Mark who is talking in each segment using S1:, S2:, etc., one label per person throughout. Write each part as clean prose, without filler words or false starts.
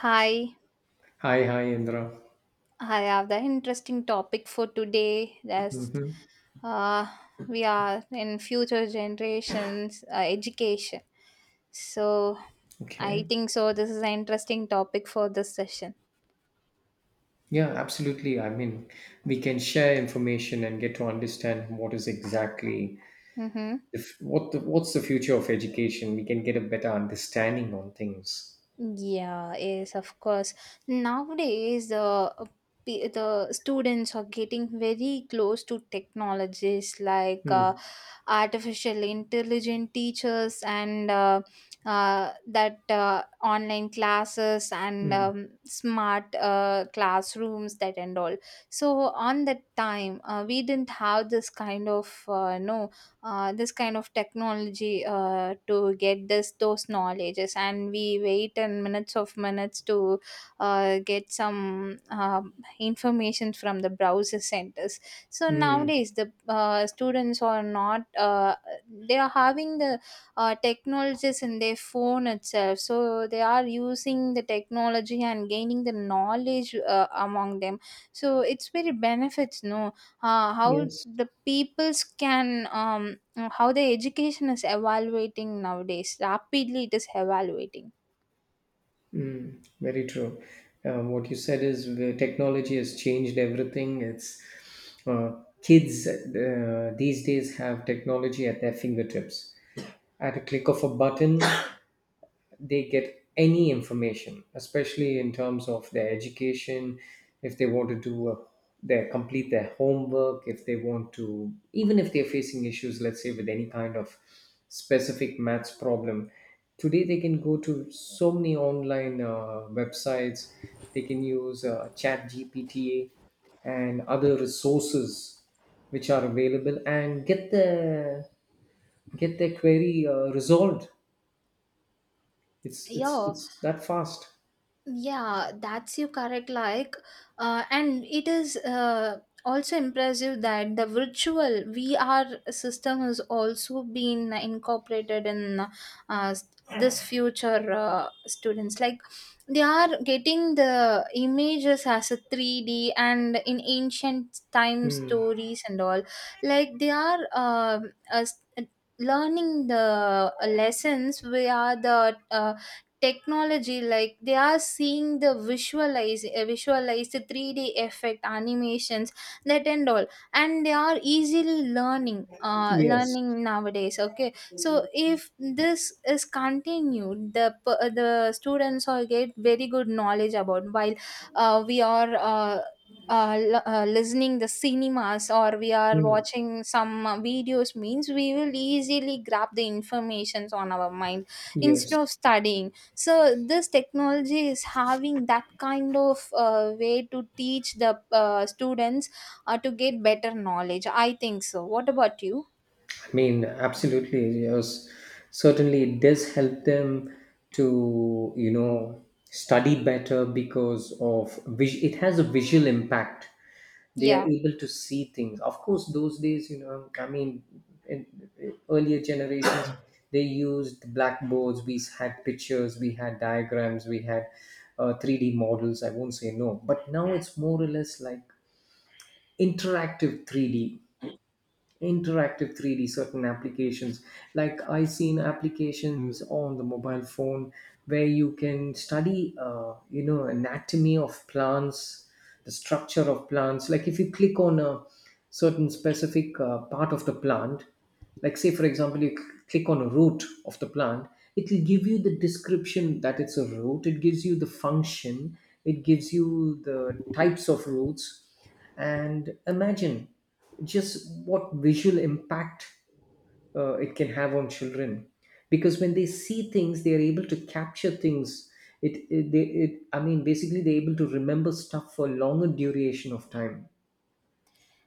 S1: Hi,
S2: Hi, hi, Indra.
S1: I have the interesting topic for today. That's
S2: hmm
S1: uh, we are in future generations education. So I
S2: Okay.
S1: think so. This is an interesting topic for this session.
S2: Yeah, absolutely. We can share information and get to understand what is exactly
S1: Mm-hmm.
S2: the, f- what the, what's the future of education. We can get a better understanding on things.
S1: Yeah, yes, of course. Nowadays, the students are getting very close to technologies like
S2: Mm,
S1: artificial intelligent teachers and that online classes and
S2: mm,
S1: smart classrooms that and all, so on that time we didn't have this kind of no this kind of technology to get this those knowledges, and we wait and minutes of minutes to get some information from the browser centers, so
S2: mm.
S1: nowadays, the students are not, they are having the technologies in their phone itself. So they are using the technology and gaining the knowledge among them. So it's very benefits, no? How
S2: Yes.
S1: the peoples can, how the education is evaluating nowadays, rapidly it is evaluating.
S2: Mm, very true. What you said is the technology has changed everything. It's uh, Kids these days have technology at their fingertips. At a click of a button, they get any information, especially in terms of their education, if they want to their complete their homework, if they want to, even if they're facing issues, let's say with any kind of specific maths problem, today they can go to so many online websites. They can use Chat GPT and other resources which are available and get their query resolved. It's it's
S1: Yeah,
S2: it's that fast.
S1: yeah, that's you correct. Like, and it is also impressive that the virtual VR system has also been incorporated in uh, this future students. Like, they are getting the images as a 3D and in ancient time stories and all. Like, they are learning the lessons via the technology like they are seeing the visualize 3D effect animations that and all, and they are easily learning uh
S2: Yes.
S1: learning nowadays. Okay, so if this is continued, the students will get very good knowledge about while we are listening the cinemas or we are
S2: Mm.
S1: watching some videos means we will easily grab the informations on our mind instead of
S2: Yes.
S1: studying. So this technology is having that kind of way to teach the students to get better knowledge. I think so. What about you?
S2: I mean, absolutely. Yes. Certainly, it does help them to, you know, study better because of it has a visual impact. They are
S1: Yeah.
S2: able to see things. Of course, those days, you know, I mean, in, in earlier generations, they used blackboards. We had pictures. We had diagrams. We had 3D models. I won't say no, but now it's more or less like interactive 3D interactive 3d certain applications like I seen applications on the mobile phone where you can study, you know, anatomy of plants, the structure of plants. Like, if you click on a certain specific part of the plant, like say for example you click on a root of the plant, it will give you the description that it's a root, it gives you the function, it gives you the types of roots. And imagine just what visual impact it can have on children, because when they see things they are able to capture things. It, I mean basically they're able to remember stuff for longer duration of time.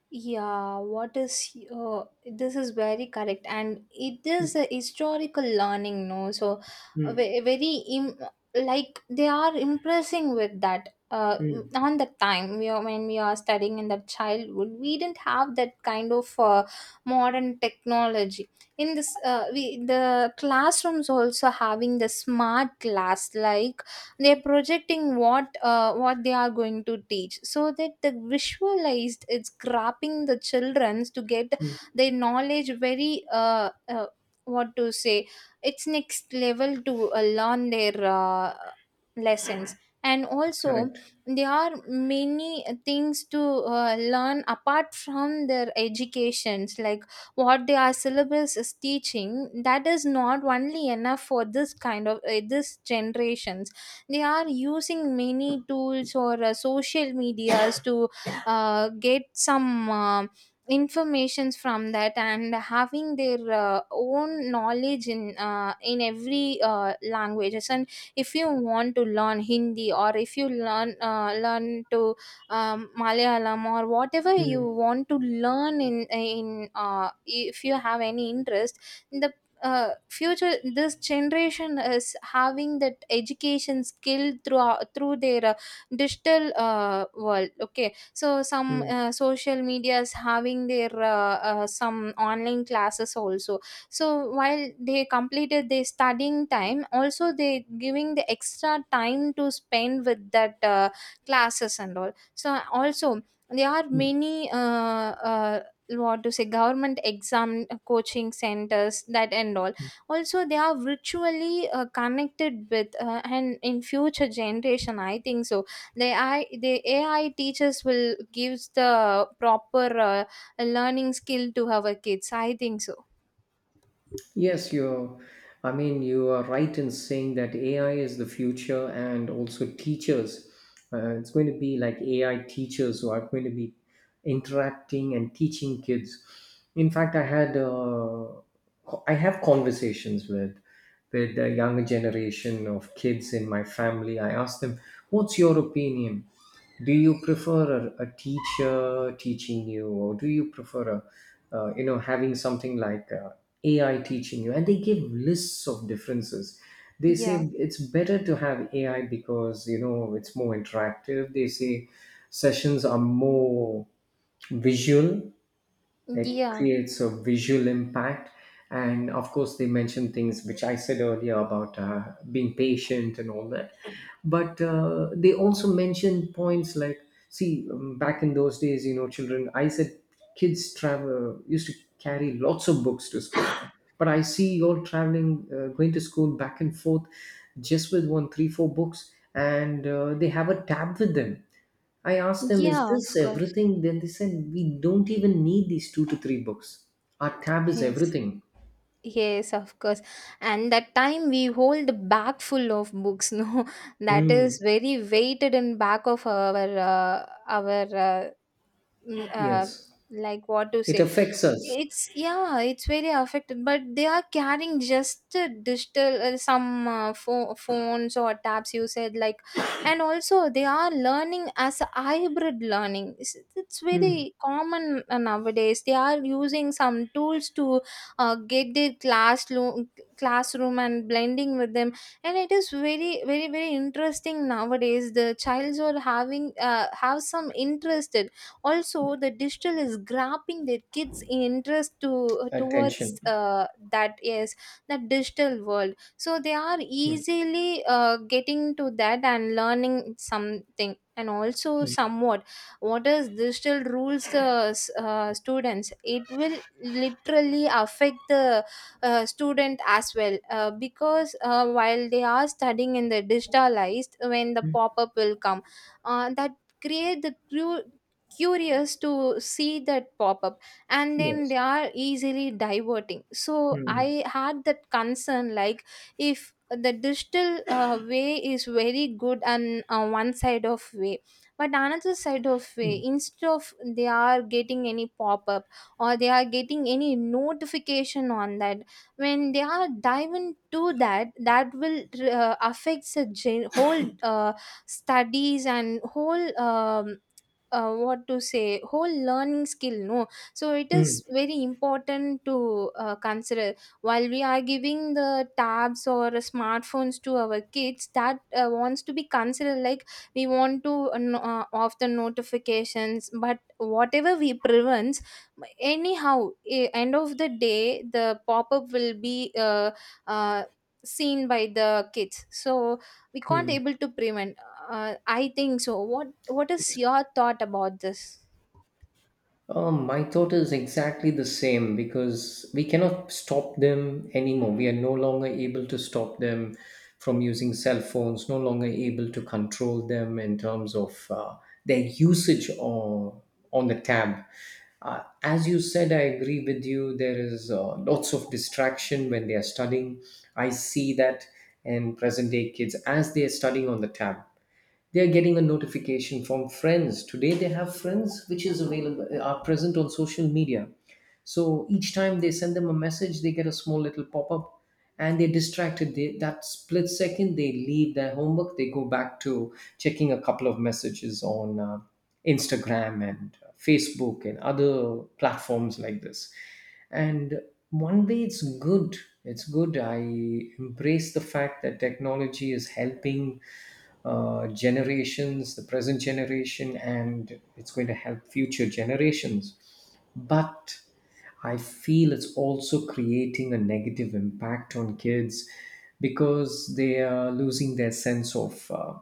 S1: Yeah, what is this is very correct, and it is a historical learning, no? So,
S2: mm,
S1: very like they are impressing with that. Uh,
S2: mm,
S1: on the time when we are studying in the childhood, we didn't have that kind of modern technology. In this, we the classrooms also having the smart class like they're projecting what they are going to teach so that the visualized it's grabbing the childrens to get
S2: mm,
S1: their knowledge very what to say, it's next level to learn their lessons, and also
S2: correct.
S1: there are many things to learn apart from their educations like what their syllabus is teaching, that is not only enough for this kind of this generations. They are using many tools or social medias to get some informations from that and having their own knowledge in every languages, and if you want to learn Hindi or if you learn to Malayalam, or whatever you
S2: mm,
S1: want to learn in if you have any interest, the future this generation is having that education skill through their digital world. Okay, so some
S2: mm,
S1: social media is having their some online classes also, so while they completed their studying time, also they giving the extra time to spend with that classes and all. So also there are
S2: mm.
S1: many uh, what to say government exam coaching centers, that and all, also they are virtually connected with and in future generation I think so the AI teachers will gives the proper learning skill to our kids. I think so.
S2: Yes, you're. I mean, you are right in saying that AI is the future, and also teachers. It's going to be like AI teachers who are going to be interacting and teaching kids. In fact, I have conversations with the younger generation of kids in my family. I ask them, "What's your opinion? Do you prefer a teacher teaching you, or do you prefer a, you know, having something like AI teaching you?" And they give lists of differences. They say
S1: Yeah.
S2: it's better to have AI because, you know, it's more interactive. They say sessions are more visual, it
S1: Yeah,
S2: creates a visual impact. And of course they mentioned things which I said earlier about being patient and all that. But they also mentioned points like, see, back in those days, you know, children I said kids travel used to carry lots of books to school, but I see you're traveling, going to school back and forth just with one, three, four books, and they have a tab with them. I asked them, "Is
S1: yeah, of
S2: this
S1: course.
S2: everything?" Then they said, "We don't even need these two to three books. Our tab is
S1: Yes,
S2: everything."
S1: yes, of course. And that time we hold bag full of books, no? That is
S2: Mm,
S1: very weighted in back of our mm, uh,
S2: yes.
S1: like what to
S2: It
S1: say.
S2: affects us.
S1: It's yeah, it's very affected, but they are carrying just a digital some phones or tabs. You said like, and also they are learning as a hybrid learning. It's
S2: Mm.
S1: very common nowadays. They are using some tools to get their classroom and blending with them, and it is very very very interesting nowadays. The childs are having have some interest, also the digital is grabbing their kids interest to towards
S2: Attention.
S1: that is the digital world, so they are
S2: Mm,
S1: easily getting to that and learning something, and also somewhat what is digital rules, the students, it will literally affect the student as well because while they are studying in the digitalized, when the pop-up will come that create the curious to see that pop up, and then they
S2: Yes.
S1: are easily diverting. So
S2: Mm,
S1: I had that concern, like if the digital way is very good and one side of way, but another side of way instead of, they are getting any pop up or they are getting any notification on that, when they are diving to that, that will affects the whole studies and whole what to say whole learning skill, no? So it is
S2: mm.
S1: very important to consider, while we are giving the tabs or smartphones to our kids, that wants to be considered, like we want to off the notifications, but whatever we prevents, anyhow end of the day the pop-up will be uh, seen by the kids, so we can't able to prevent, I think so. What is your thought about this?
S2: My thought is exactly the same, because we cannot stop them anymore. We are no longer able to stop them from using cell phones, no longer able to control them in terms of their on the tab. As you said, I agree with you. There is lots of distraction when they are studying. I see that in present day kids. As they are studying on the tab, they're getting a notification from friends. Today they have friends which is available, are present on social media. So each time they send them a message, they get a small little pop-up, and they're distracted. That split second, they leave their homework, they go back to checking a couple of messages on Instagram and Facebook and other platforms like this. And one way it's good. It's good. I embrace the fact that technology is helping generations, the present generation, and it's going to help future generations. But I feel it's also creating a negative impact on kids, because they are losing their sense of uh,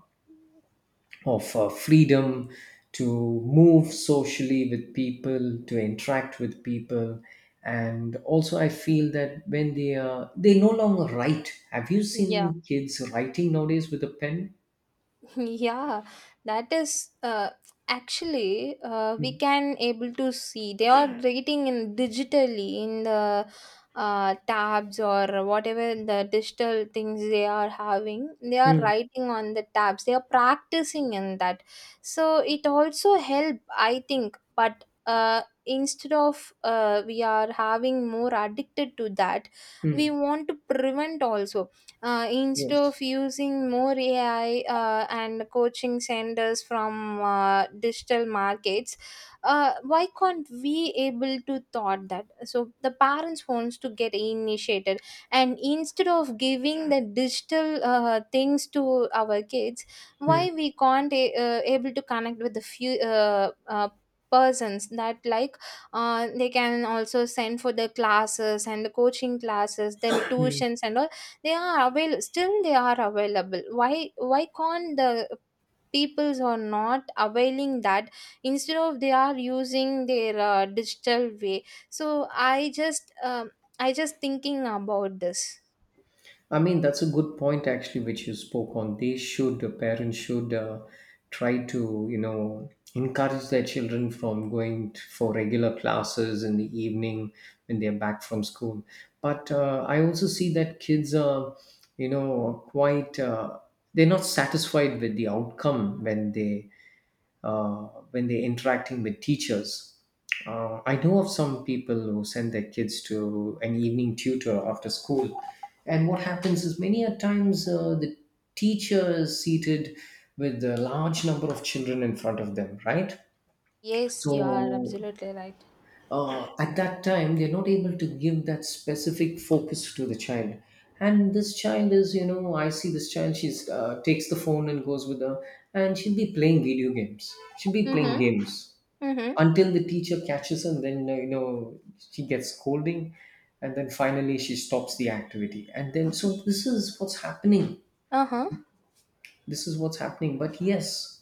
S2: of uh, freedom to move socially with people, to interact with people. And also I feel that when they are they no longer write. Have you seen kids writing nowadays with a pen?
S1: Yeah, that is actually we can able to see they are rating in digitally in the tabs, or whatever the digital things they are having, they are
S2: Mm.
S1: writing on the tabs, they are practicing in that, so it also help, I think. But instead of we are having more addicted to that, we
S2: Hmm.
S1: want to prevent also, instead
S2: Yes.
S1: of using more AI and coaching centers from digital markets, why can't we able to thought that? So the parents wants to get initiated, and instead of giving the digital things to our kids,
S2: Hmm.
S1: why we can't able to connect with the few persons that, like they can also send for the classes and the coaching classes, then
S2: Hmm.
S1: tuitions and all, they are avail, still they are available. Why can't the peoples are not availing that, instead of they are using their digital way. So I just thinking about this.
S2: I mean, that's a good point actually, which you spoke on. The parents should try to, you know, encourage their children from going for regular classes in the evening when they're back from school. But I also see that kids are, you know, quite, they're not satisfied with the outcome when they uh, when they're interacting with teachers. I know of some people who send their kids to an evening tutor after school, and what happens is many a times the teacher is seated with a large number of children in front of them, right?
S1: Yes, you are
S2: So
S1: absolutely right.
S2: at that time, they're not able to give that specific focus to the child. And this child is, you know, I see this child. She's takes the phone and goes with her, and she'll be playing video games. She'll be playing
S1: Mm-hmm.
S2: games
S1: Mm-hmm.
S2: until the teacher catches her, and then you know, she gets scolding, and then finally she stops the activity. And then, so
S1: Uh-huh.
S2: this is what's happening. But yes,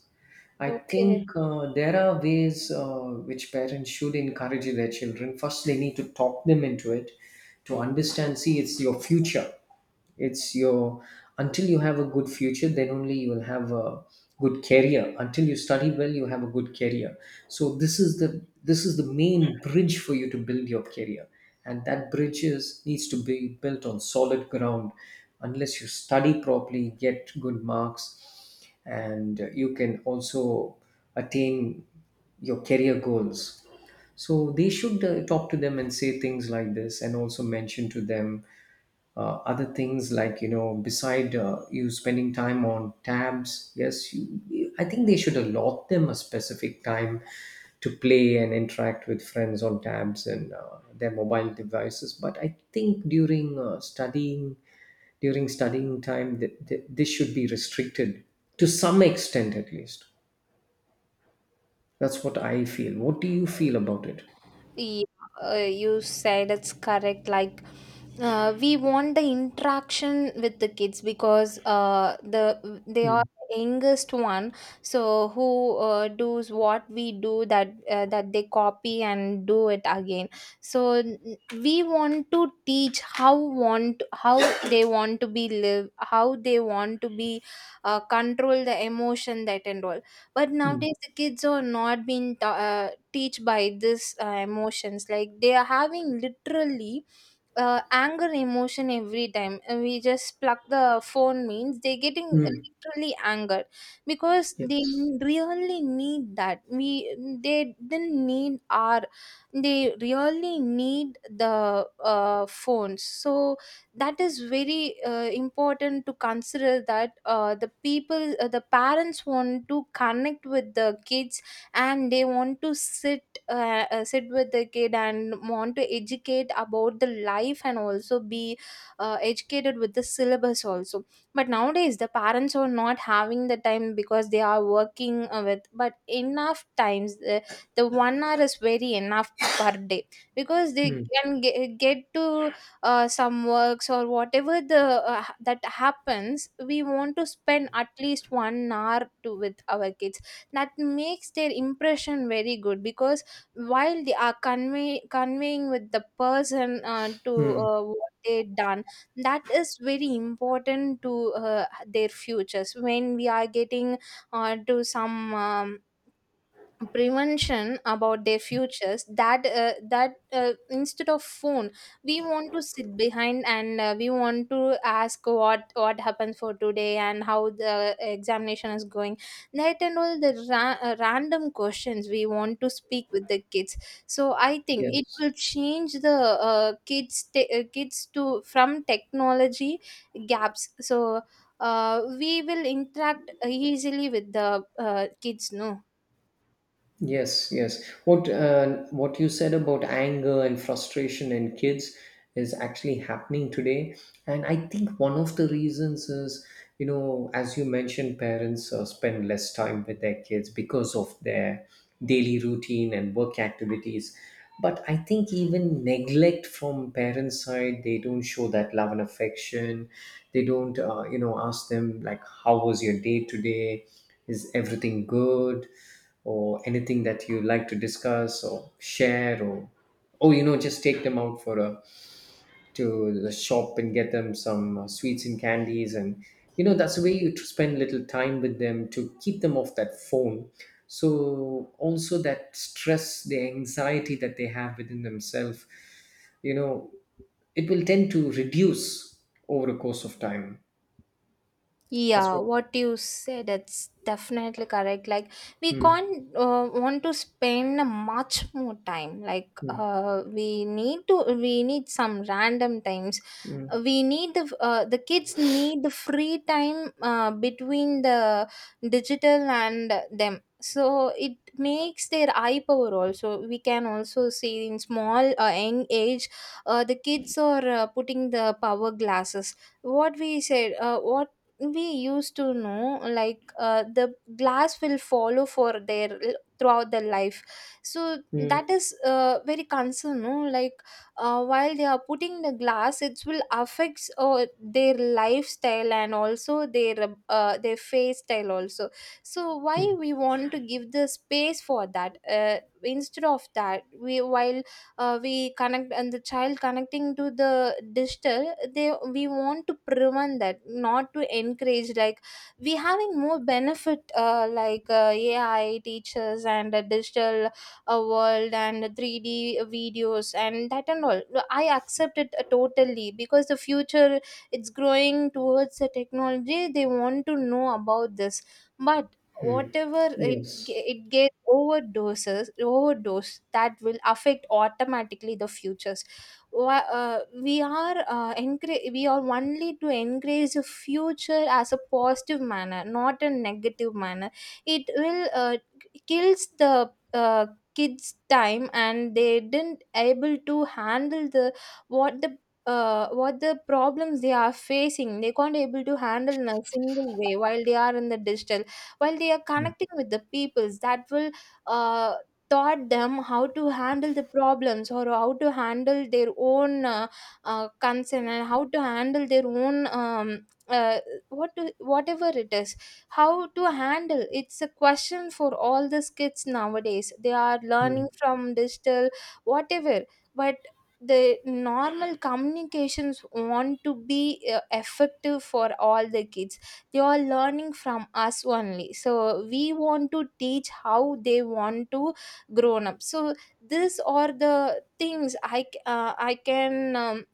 S2: I
S1: Okay.
S2: think there are ways which parents should encourage their children. First they need to talk them into it, to understand, see, it's your future. It's your Until you have a good future, then only you will have a good career. Until you study well, you have a good career. So this is the main bridge for you to build your career, and that bridge is needs to be built on solid ground. Unless you study properly, get good marks, and you can also attain your career goals. So they should talk to them and say things like this, and also mention to them other things like, you know, beside you spending time on tabs. Yes I think they should allot them a specific time to play and interact with friends on tabs and their mobile devices. But I think during studying during studying time this should be restricted, to some extent at least. That's what I feel. What do you feel about it?
S1: Yeah, you said it's correct. Like, we want the interaction with the kids, because they are
S2: mm,
S1: the youngest one. So who does what we do, that that they copy and do it again. So we want to teach how they want to be live, how they want to be control the emotion that and all, but
S2: mm,
S1: nowadays the kids are not being teach by this emotions, like they are having literally anger emotion every time. We just pluck the phone means they're getting
S2: mm,
S1: literally angered, because they
S2: yes.
S1: really need that, we they didn't need our, they really need the phones, so that is very important to consider, that the parents want to connect with the kids, and they want to sit with the kid, and want to educate about the life and also be educated with the syllabus also, but nowadays the parents are not having the time because they are working with, but enough times the 1 hour is very enough per day, because they
S2: mm,
S1: can get to some works, or whatever that happens, we want to spend at least 1 hour to with our kids, that makes their impression very good, because while they are conveying with the person to
S2: mm,
S1: what they done, that is very important to their futures. When we are getting to some prevention about their futures, that instead of phone we want to sit behind, and we want to ask what happened for today, and how the examination is going, that and all the random questions we want to speak with the kids, so I think it
S2: yes.
S1: will change the kids to from technology gaps, so we will interact easily with the kids, no?
S2: Yes, yes. What you said about anger and frustration in kids is actually happening today, and I think one of the reasons is, you know, as you mentioned, parents spend less time with their kids because of their daily routine and work activities. But I think even neglect from parents' side, they don't show that love and affection. They don't, you know, ask them like, "How was your day today? Is everything good?" or anything that you like to discuss or share. Or, oh, you know, just take them out for a to the shop, and get them some sweets and candies. And, you know, that's the way you spend little time with them, to keep them off that phone. So also that stress, the anxiety that they have within themselves, you know, it will tend to reduce over a course of time. That's
S1: Yeah,
S2: what.
S1: what you said, that's definitely correct. Like, we
S2: Hmm,
S1: can't want to spend much more time. Like,
S2: hmm,
S1: we need some random times.
S2: hmm,
S1: We need the kids need the free time between the digital and them, so it makes their eye power also. We can also see in small young age, the kids are putting the power glasses. What we used to know, like, the glass will follow for their throughout their life. So that
S2: hmm,
S1: is very concern, no, like, while they are putting the glass it will affects their lifestyle, and also their face style also. So why
S2: hmm.
S1: we want to give the space for that? Instead of that we connect, and the child connecting to the digital, they we want to prevent that, not to encourage, like, we having more benefit, like, ai teachers and digital a world, and 3D videos and that and all. I accept it totally, because the future, it's growing towards the technology, they want to know about this. But whatever
S2: Yes.
S1: it gets overdose, that will affect automatically the futures. We are only to encourage the future as a positive manner, not a negative manner. It will kills the kids time, and they didn't able to handle the what the what the problems they are facing. They can't able to handle in a single way while they are in the digital, while they are connecting with the peoples, that will uh, taught them how to handle the problems, or how to handle their own concern, and how to handle their own whatever it is, how to handle. It's a question for all these kids nowadays, they are
S2: hmm.
S1: learning from digital whatever. But the normal communications want to be effective for all the kids. They are learning from us only, so we want to teach how they want to grown up. So these are the things um,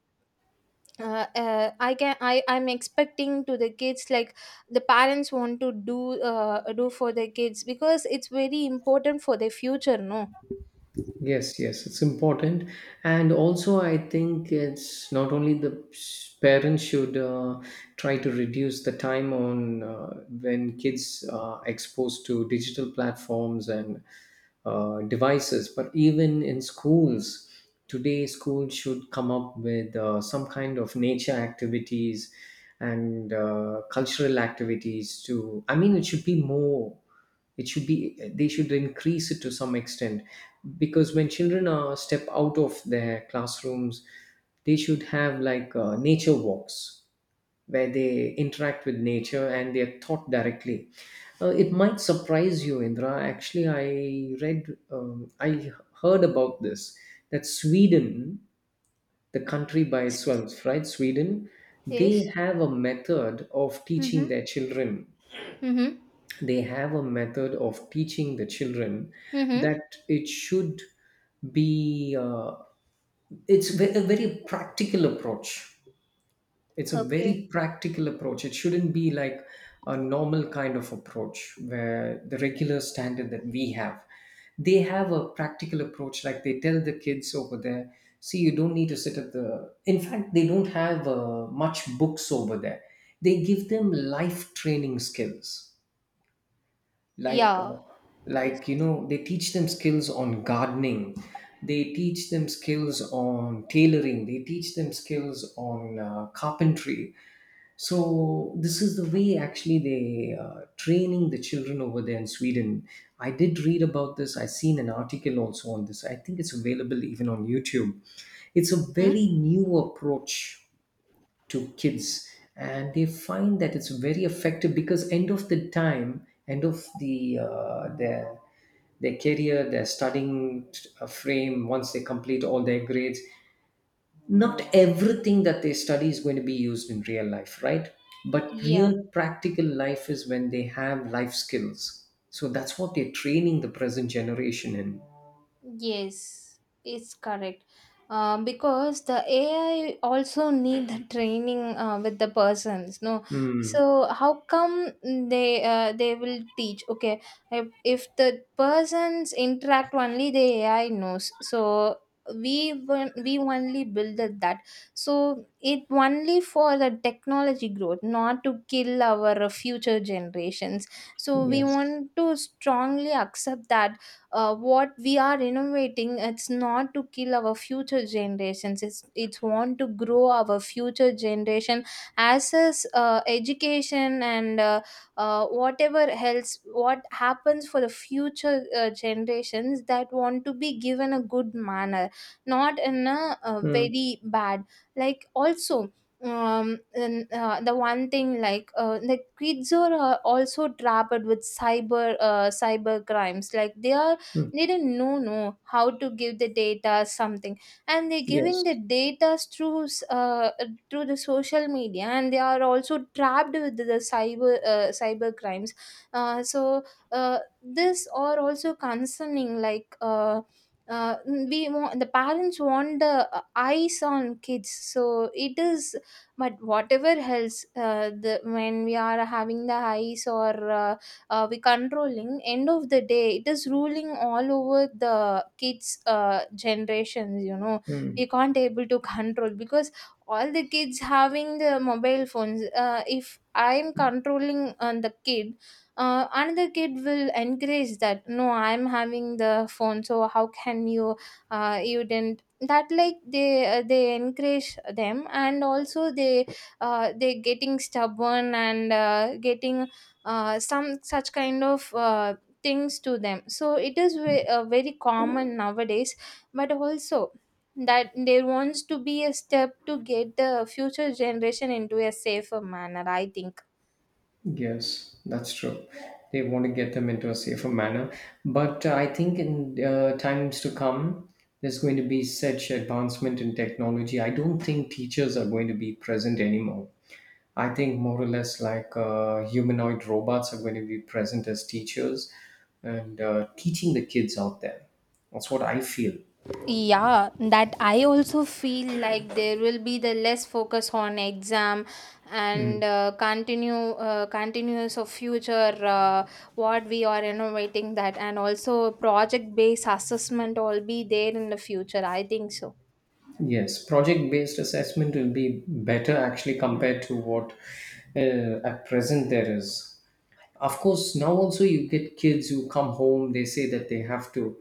S1: I can I I'm expecting to the kids, like, the parents want to do for their kids, because it's very important for their future, no.
S2: Yes, yes, it's important. And also, I think it's not only the parents should try to reduce the time on when kids are exposed to digital platforms and devices, but even in schools. Today, schools should come up with some kind of nature activities and cultural activities to, I mean, it should be more it should be they should increase it to some extent because when children are step out of their classrooms they should have like nature walks where they interact with nature and they are taught directly. It might surprise you, Indra. Actually, I read, I heard about this, that Sweden, the country by itself, right? Sweden, they
S1: Yes.
S2: have a method of teaching
S1: Mm-hmm.
S2: their children.
S1: Mm-hmm.
S2: They have a method of teaching the children
S1: Mm-hmm.
S2: that it should be a very practical approach. It's a
S1: Okay.
S2: very practical approach. It shouldn't be like a normal kind of approach where the regular standard that we have. They have a practical approach. Like, they tell the kids over there, see, you don't need to sit at the in fact, they don't have much books over there. They give them life training skills, like
S1: Yeah.
S2: uh,
S1: Yes.
S2: like, you know, they teach them skills on gardening, they teach them skills on tailoring, they teach them skills on carpentry. So this is the way actually they training the children over there in Sweden. I did read about this, I seen an article also on this. I think it's available even on YouTube. It's a
S1: Hmm.
S2: very new approach to kids, and they find that it's very effective because end of the time end of the their career, their studying frame, once they complete all their grades, not everything that they study is going to be used in real life, right? But
S1: Yeah.
S2: real practical life is when they have life skills. So that's what they're training the present generation in.
S1: Yes, it's correct. Because the AI also need the training with the persons, no.
S2: Mm.
S1: So how come they will teach? Okay, if the persons interact only, the AI knows. So we only builded that. So it only for the technology growth, not to kill our future generations. So we
S2: Yes.
S1: want to strongly accept that, what we are innovating, it's not to kill our future generations, it's want to grow our future generation as is education, and whatever else what happens for the future generations, that want to be given a good manner, not in a
S2: Mm.
S1: very bad, like also. And, the one thing, like, the kids are also trapped with cyber crimes, like they are,
S2: Mm.
S1: they do not know how to give the data something, and they're giving
S2: Yes.
S1: the data through the social media, and they are also trapped with the cyber crimes. So, this are also concerning, like, uh, we want the parents want the eyes on kids, so it is. But whatever else, the when we are having the eyes, or uh, we controlling, end of the day it is ruling all over the kids generations, you know.
S2: Mm.
S1: We can't able to control, because all the kids having the mobile phones. If I'm controlling on the kid, another kid will encourage that, no, I'm having the phone, so how can you, you didn't that, like they encourage them, and also they getting stubborn, and getting some such kind of things to them. So it is very common nowadays, but also that there wants to be a step to get the future generation into a safer manner, I think.
S2: Yes, that's true. They want to get them into a safer manner. But I think in times to come, there's going to be such advancement in technology. I don't think teachers are going to be present anymore. I think more or less like humanoid robots are going to be present as teachers and teaching the kids out there. That's what I feel.
S1: Yeah, that I also feel like there will be the less focus on exam, and continue continuous of future, what we are innovating that, and also project based assessment all be there in the future. I think so.
S2: Yes, project based assessment will be better actually compared to what at present there is. Of course, now also you get kids who come home, they say that they have to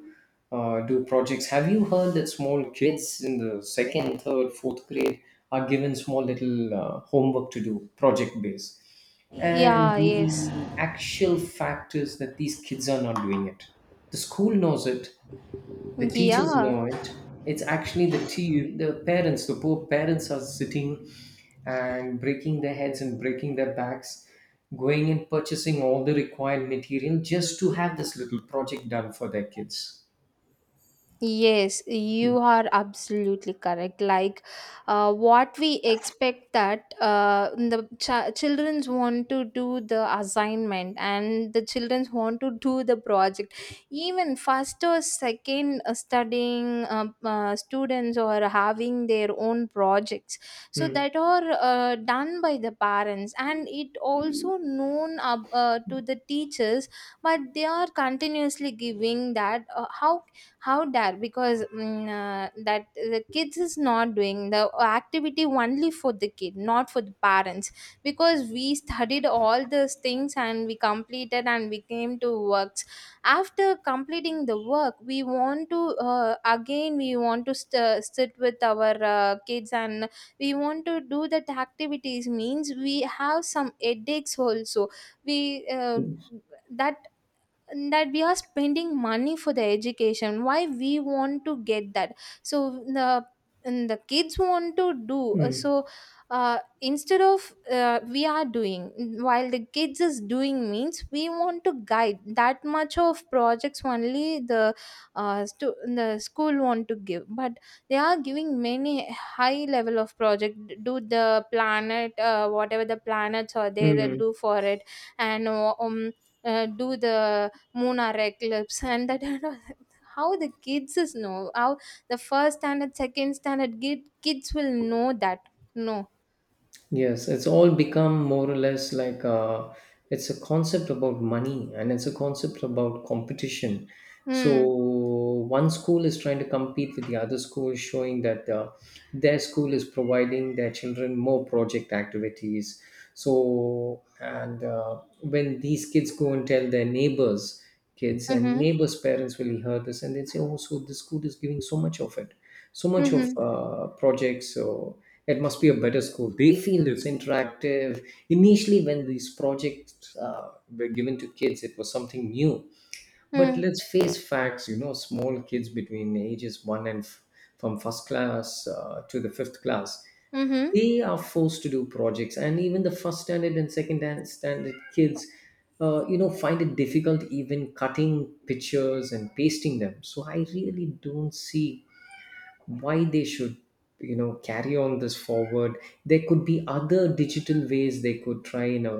S2: do projects. Have you heard that small kids in the second, third, fourth grade are given small little homework to do, project based? And
S1: Yeah, yes.
S2: the actual fact is that these kids are not doing it. The school knows it, the teachers
S1: Yeah.
S2: know it. It's actually the parents, the poor parents are sitting and breaking their heads and breaking their backs, going and purchasing all the required material just to have this little project done for their kids.
S1: Yes, you are absolutely correct. Like, what we expect that the childrens want to do the assignment, and the childrens want to do the project. Even first or second studying students or having their own projects, so
S2: Mm,
S1: that are done by the parents, and it also known up, to the teachers, but they are continuously giving that, how dare, because that the kids is not doing the activity only for the kid not for the parents, because we studied all these things and we completed, and we came to works. After completing the work, we want to, again we want to sit with our kids, and we want to do that activities, means we have some headaches also. We, that that we are spending money for the education, why we want to get that? So the and the kids want to do,
S2: mm,
S1: so instead of we are doing while the kids is doing, means we want to guide, that much of projects only the, the school want to give, but they are giving many high level of project, do the planet, whatever the planets are there,
S2: mm.
S1: do for it, and do the Lunar eclipse and that, how the kids is know, how the first standard second standard kids will know that, no.
S2: Yes, it's all become more or less like, uh, it's a concept about money and it's a concept about competition. So
S1: Mm.
S2: one school is trying to compete with the other school, showing that their school is providing their children more project activities. So and when these kids go and tell their neighbors, kids and
S1: Mm-hmm.
S2: neighbors' parents will hear this and they say, "Oh, so this school is giving so much of it." So much of
S1: Mm-hmm.
S2: projects. So it must be a better school, they feel. It's interactive. Initially, when these projects were given to kids, it was something new. But
S1: Mm.
S2: let's face facts, you know, small kids between ages 1 from first class to the fifth class,
S1: Mm-hmm.
S2: they are forced to do projects. And even the first standard and standard kids you know, find it difficult even cutting pictures and pasting them. So I really don't see why they should, you know, carry on this forward. There could be other digital ways they could try in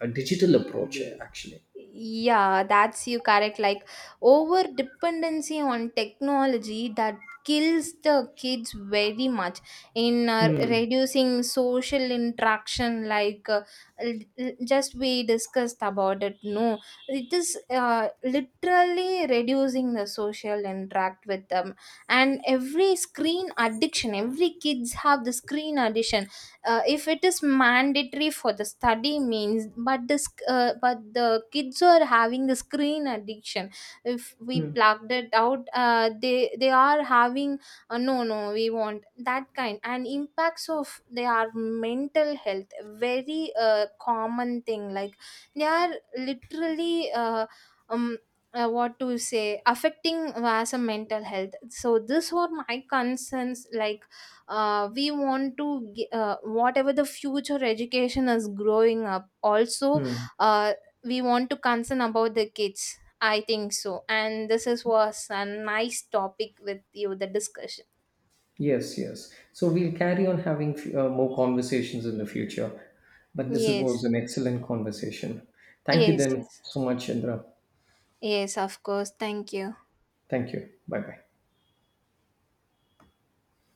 S2: a digital approach, actually.
S1: Yeah, that's you correct. Like, over dependency on technology that kills the kids very much in, reducing social interaction, like, just we discussed about it, no. It is literally reducing the social interact with them, and every screen addiction, every kids have the screen addiction. If it is mandatory for the study means, but the kids are having the screen addiction. If we plugged it out, they are having, no, no, we want that kind and impacts of they are mental health. Very common thing, like they are literally, um what to say, affecting as a mental health. So these were my concerns, like, we want to whatever the future education is growing up also,
S2: Hmm.
S1: uh, we want to concern about the kids, I think so. And this is was a nice topic with you, the discussion.
S2: Yes, yes. So we'll carry on having more conversations in the future. But this
S1: Yes.
S2: was an excellent conversation. Thank you
S1: Yes.
S2: then
S1: Yes.
S2: so much, Indra.
S1: Yes, of course, thank you.
S2: Thank you. Bye bye.